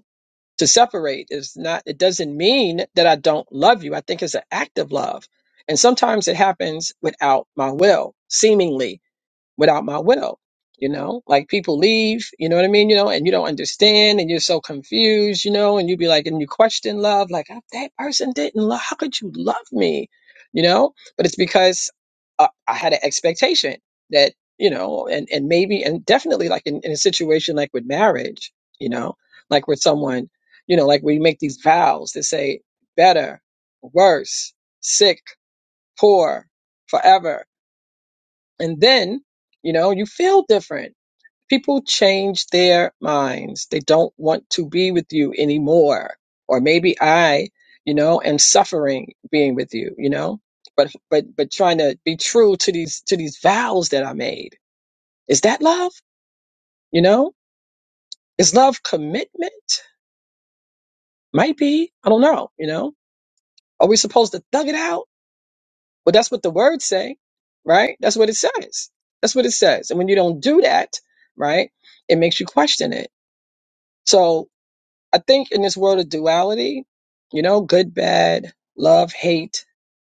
to separate is not it doesn't mean that i don't love you i think it's an act of love and sometimes it happens without my will seemingly without my will. You know, like people leave, you know what I mean? You know, and you don't understand and you're so confused, you know, and you be like, and you question love, like, "Oh, that person didn't love, how could you love me? You know, but it's because uh, I had an expectation that, you know, and, and maybe, and definitely like in, in a situation like with marriage, you know, like with someone, you know, like we make these vows that say better, worse, sick, poor, forever and then, you know, you feel different. People change their minds. They don't want to be with you anymore. Or maybe I, you know, am suffering being with you, you know? But but but trying to be true to these to these vows that I made. Is that love? You know? Is love commitment? Might be. I don't know, you know? Are we supposed to thug it out? Well, that's what the words say, right? That's what it says. That's what it says. And when you don't do that, right? It makes you question it So I think in this world of duality, you know, good, bad, love, hate,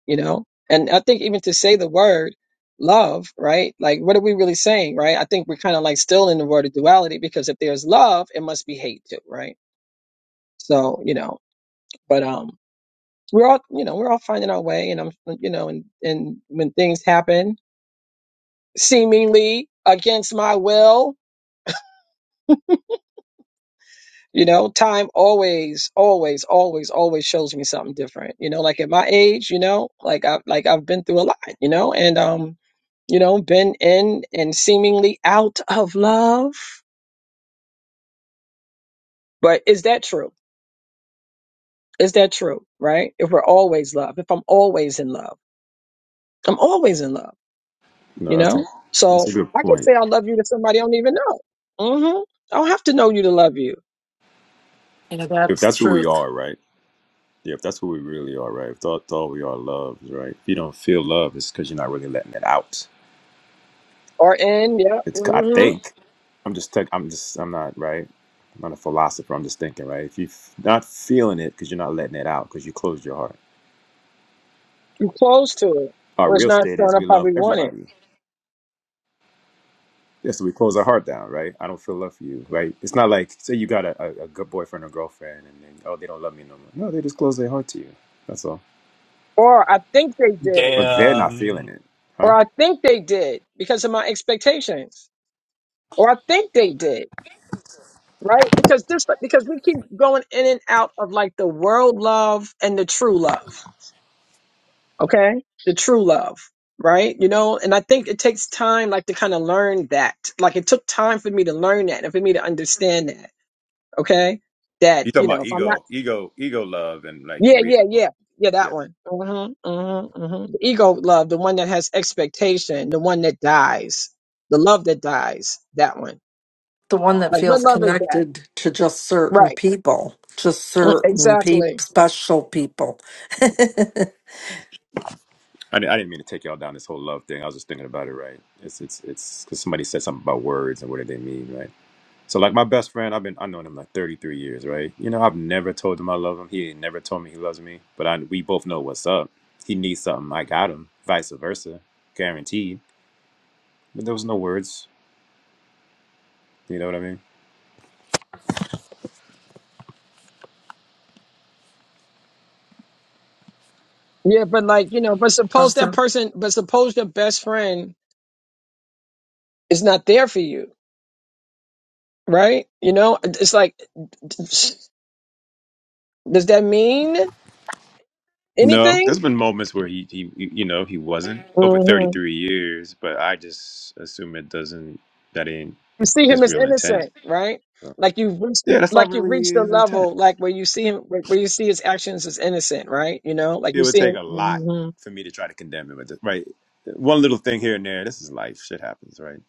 you know, and I think even to say the word love, right? Like, what are we really saying, right? I think we're kind of like still in the world of duality because if there's love, it must be hate too, right? So, you know, but, um, we're all, you know, we're all finding our way and I'm, you know, and, and when things happen seemingly against my will, You know, time always, always, always, always shows me something different. You know, like at my age, you know, like I've like I've been through a lot, you know, and um, you know, been in and seemingly out of love. But is that true? Is that true? Right? If we're always love, if I'm always in love, I'm always in love,
No,
you
that's a
know?
that's a
So
good
I can
point.
say I love you to somebody I don't even know. Mm-hmm. I don't have to know you to love you.
you know
If
that's
that's who we
truth
are, right? Yeah, if that's who we really are, right? If that's all we are, love, right? If you don't feel love, it's because you're not really letting it out.
Or in, yeah,
It's I
mm-hmm.
think I'm just tech- I'm just I'm not right. I'm not a philosopher. I'm just thinking, right? If you're not feeling it because you're not letting it out because you closed your heart.
I'm close to it.
Our
Or it's
real
not
state is
showing up
we
how
love
we want it
everybody. Yes, we close our heart down, right? I don't feel love for you, right? It's not like say you got a, a, a good boyfriend or girlfriend, and then oh they don't love me no more. No, they just close their heart to you. That's all.
Or I think they did.
but they're not feeling
Damn.
it, huh?
Or I think they did because of my expectations. Or I think they did. Right? Because this because we keep going in and out of like the world love and the true love. Okay? The true love. Right? You know, and I think it takes time like to kind of learn that. Like it took time for me to learn that and for me to understand that. Okay? That,
You talking
you know,
about
if I'm not
ego, ego, ego love, and like
Yeah,
real.
yeah, yeah. Yeah,
Yeah,
that one. hmm hmm hmm The ego love, the one that has expectation, the one that dies, the love that dies, that one.
the one that
Like, what
feels
love is that?
connected to just certain
Right.
people just
Mm,
certain peop
Exactly.
special people
I, di- I didn't mean to take y'all down this whole love thing. I was just thinking about it, right? It's it's it's because somebody said something about words and what do they mean, right? So like my best friend, I've been I've known him like 33 years, right? You know, I've never told him I love him. He ain't never told me he loves me, but I we both know what's up. He needs something, I got him. Vice versa, guaranteed. But there was no words. You know what I mean?
Yeah, but like, you know, but suppose
because they're
that person, but suppose your best friend is not there for you, right? You know, it's like, does that mean
No, there's
anything?
been moments where he, he you know, he wasn't over 33 years, but I just assume it doesn't, that ain't
you see him
his
as
real intent.
innocent, right?
So,
Like you've reached,
yeah, that's not
like you've reached
really
a
his intent.
level, like where you see him, where where you see his actions as innocent, right? You know, like
It
you
would
see
take a lot
him,
for me to try to condemn him, but the- right, one little thing here and there, this is life, shit happens, right?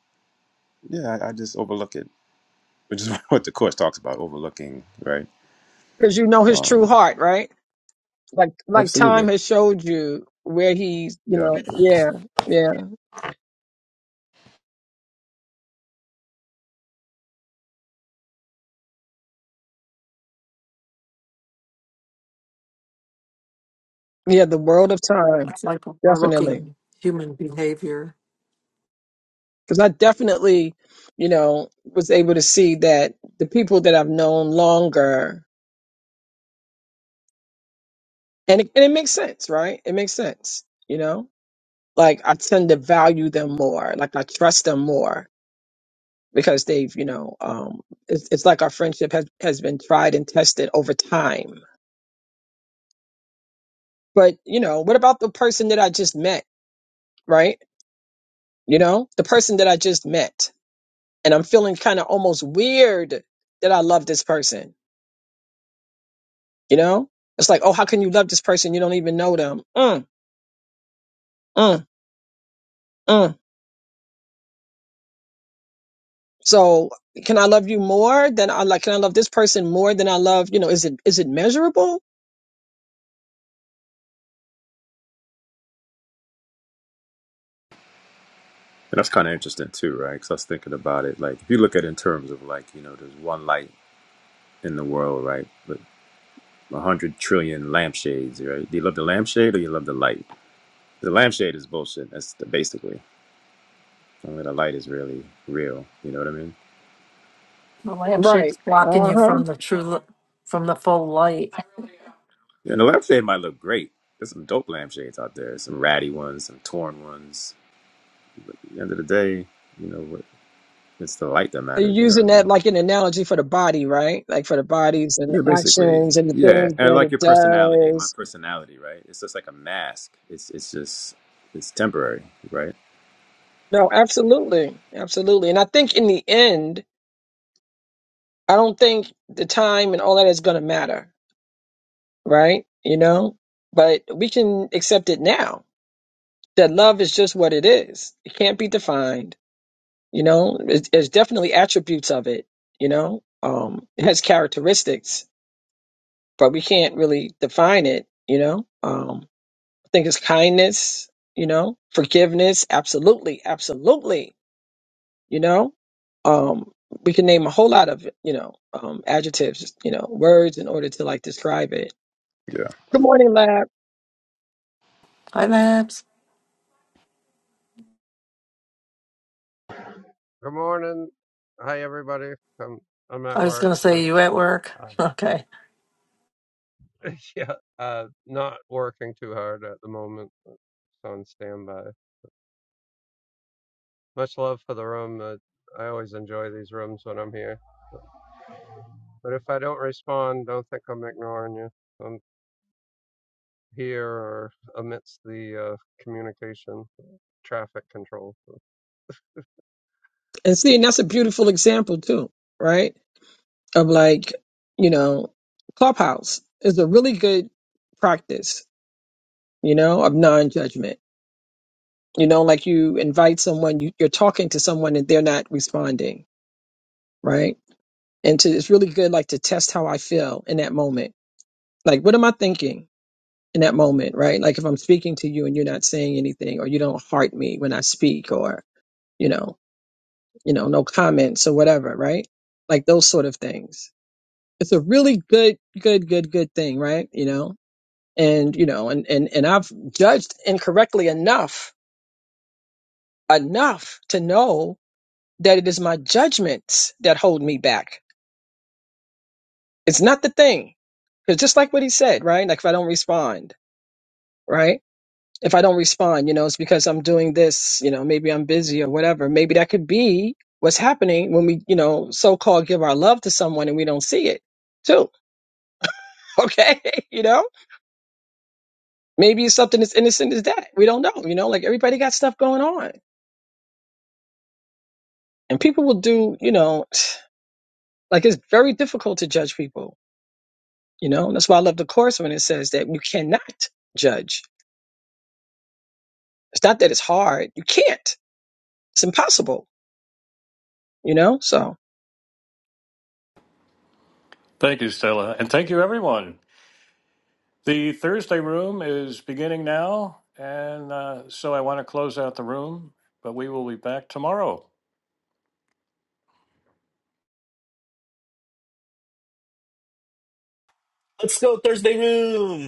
Yeah, I, I just overlook it, which is what the course talks about, overlooking, right?
because you know his true
Um,
heart, right? Like, like time
absolutely.
has showed you where he's, you
Yeah,
know, yeah, yeah, yeah. The world of time,
It's like
definitely,
overlooking human behavior.
because I definitely, you know, was able to see that the people that I've known longer, and it, and it makes sense, right? It makes sense, you know like I tend to value them more, like I trust them more because they've, you know, um, it's, it's like our friendship has, has been tried and tested over time. But, you know, what about the person that I just met, right? You know, the person that I just met and I'm feeling kind of almost weird that I love this person, you know? It's like, oh, how can you love this person? You don't even know them. Mm, mm, mm. So can I love you more than I like, can I love this person more than I love, you know, is it, is it measurable?
and that's kind of interesting too, right? Because I was thinking about it, like if you look at it in terms of like you know, there's one light in the world, right? a hundred trillion lampshades, right? Do you love the lampshade or you love the light? The lampshade is bullshit. That's the, basically. I mean, the light is really real. You know what I mean?
The lampshade
Right.
is blocking you
Uh-huh.
from the true, li- from the full light.
And the lampshade might look great. There's some dope lampshades out there. Some ratty ones, some torn ones. At the end of the day, you know, what- it's the light that
So you're
matters. You know what I
using that
mean?
like an analogy for the body, right? Like for the bodies and the
Yeah, basically.
actions and the
Yeah,
things
and
that
like
it
your personality, my
does.
personality, right? It's just like a mask. It's it's just it's temporary, right?
No, absolutely. Absolutely. And I think in the end, I don't think the time and all that is going to matter, right? You know, but we can accept it now that love is just what it is. It can't be defined. You know, It's there's definitely attributes of it, you know, um, it has characteristics, but we can't really define it, you know, um, think it's kindness, you know, forgiveness. Absolutely, absolutely, you know. Um, we can name a whole lot of, you know, um, adjectives, you know, words in order to like describe it.
Yeah.
Good morning, lab.
Hi, Babs.
Good morning. Hi, everybody. I'm I'm at
I was
work.
going to
so,
say, you at work?
Uh,
Okay.
yeah, uh, not working too hard at the moment. but on standby. Much love for the room. Uh, I always enjoy these rooms when I'm here. But if I don't respond, don't think I'm ignoring you. I'm here or amidst the uh, communication traffic control.
And see, and that's a beautiful example too, right? Of like, you know, clubhouse is a really good practice, you know, of non-judgment. You know, like you invite someone, you, you're talking to someone and they're not responding, right? and to it's really good like to test how I feel in that moment. Like what am I thinking in that moment, right? Like if I'm speaking to you and you're not saying anything or you don't heart me when I speak or, you know, you know, no comments or whatever, right? Like those sort of things. It's a really good, good, good, good thing, right? You know? And you know, and and, and I've judged incorrectly enough, enough to know that it is my judgments that hold me back. It's not the thing. Because just like what he said, right? Like if I don't respond, right? If I don't respond, you know, it's because I'm doing this, you know, maybe I'm busy or whatever. Maybe that could be what's happening when we, you know, so called give our love to someone and we don't see it too. Okay. you know, maybe it's something as innocent as that. We don't know, you know, like everybody got stuff going on and people will do, you know, like it's very difficult to judge people, you know, and that's why I love the course when it says that you cannot judge. It's not that it's hard. You can't. It's impossible, you know, so.
Thank you, Stella, and thank you, everyone. The Thursday room is beginning now, and uh, so I want to close out the room, but we will be back tomorrow.
Let's go Thursday room.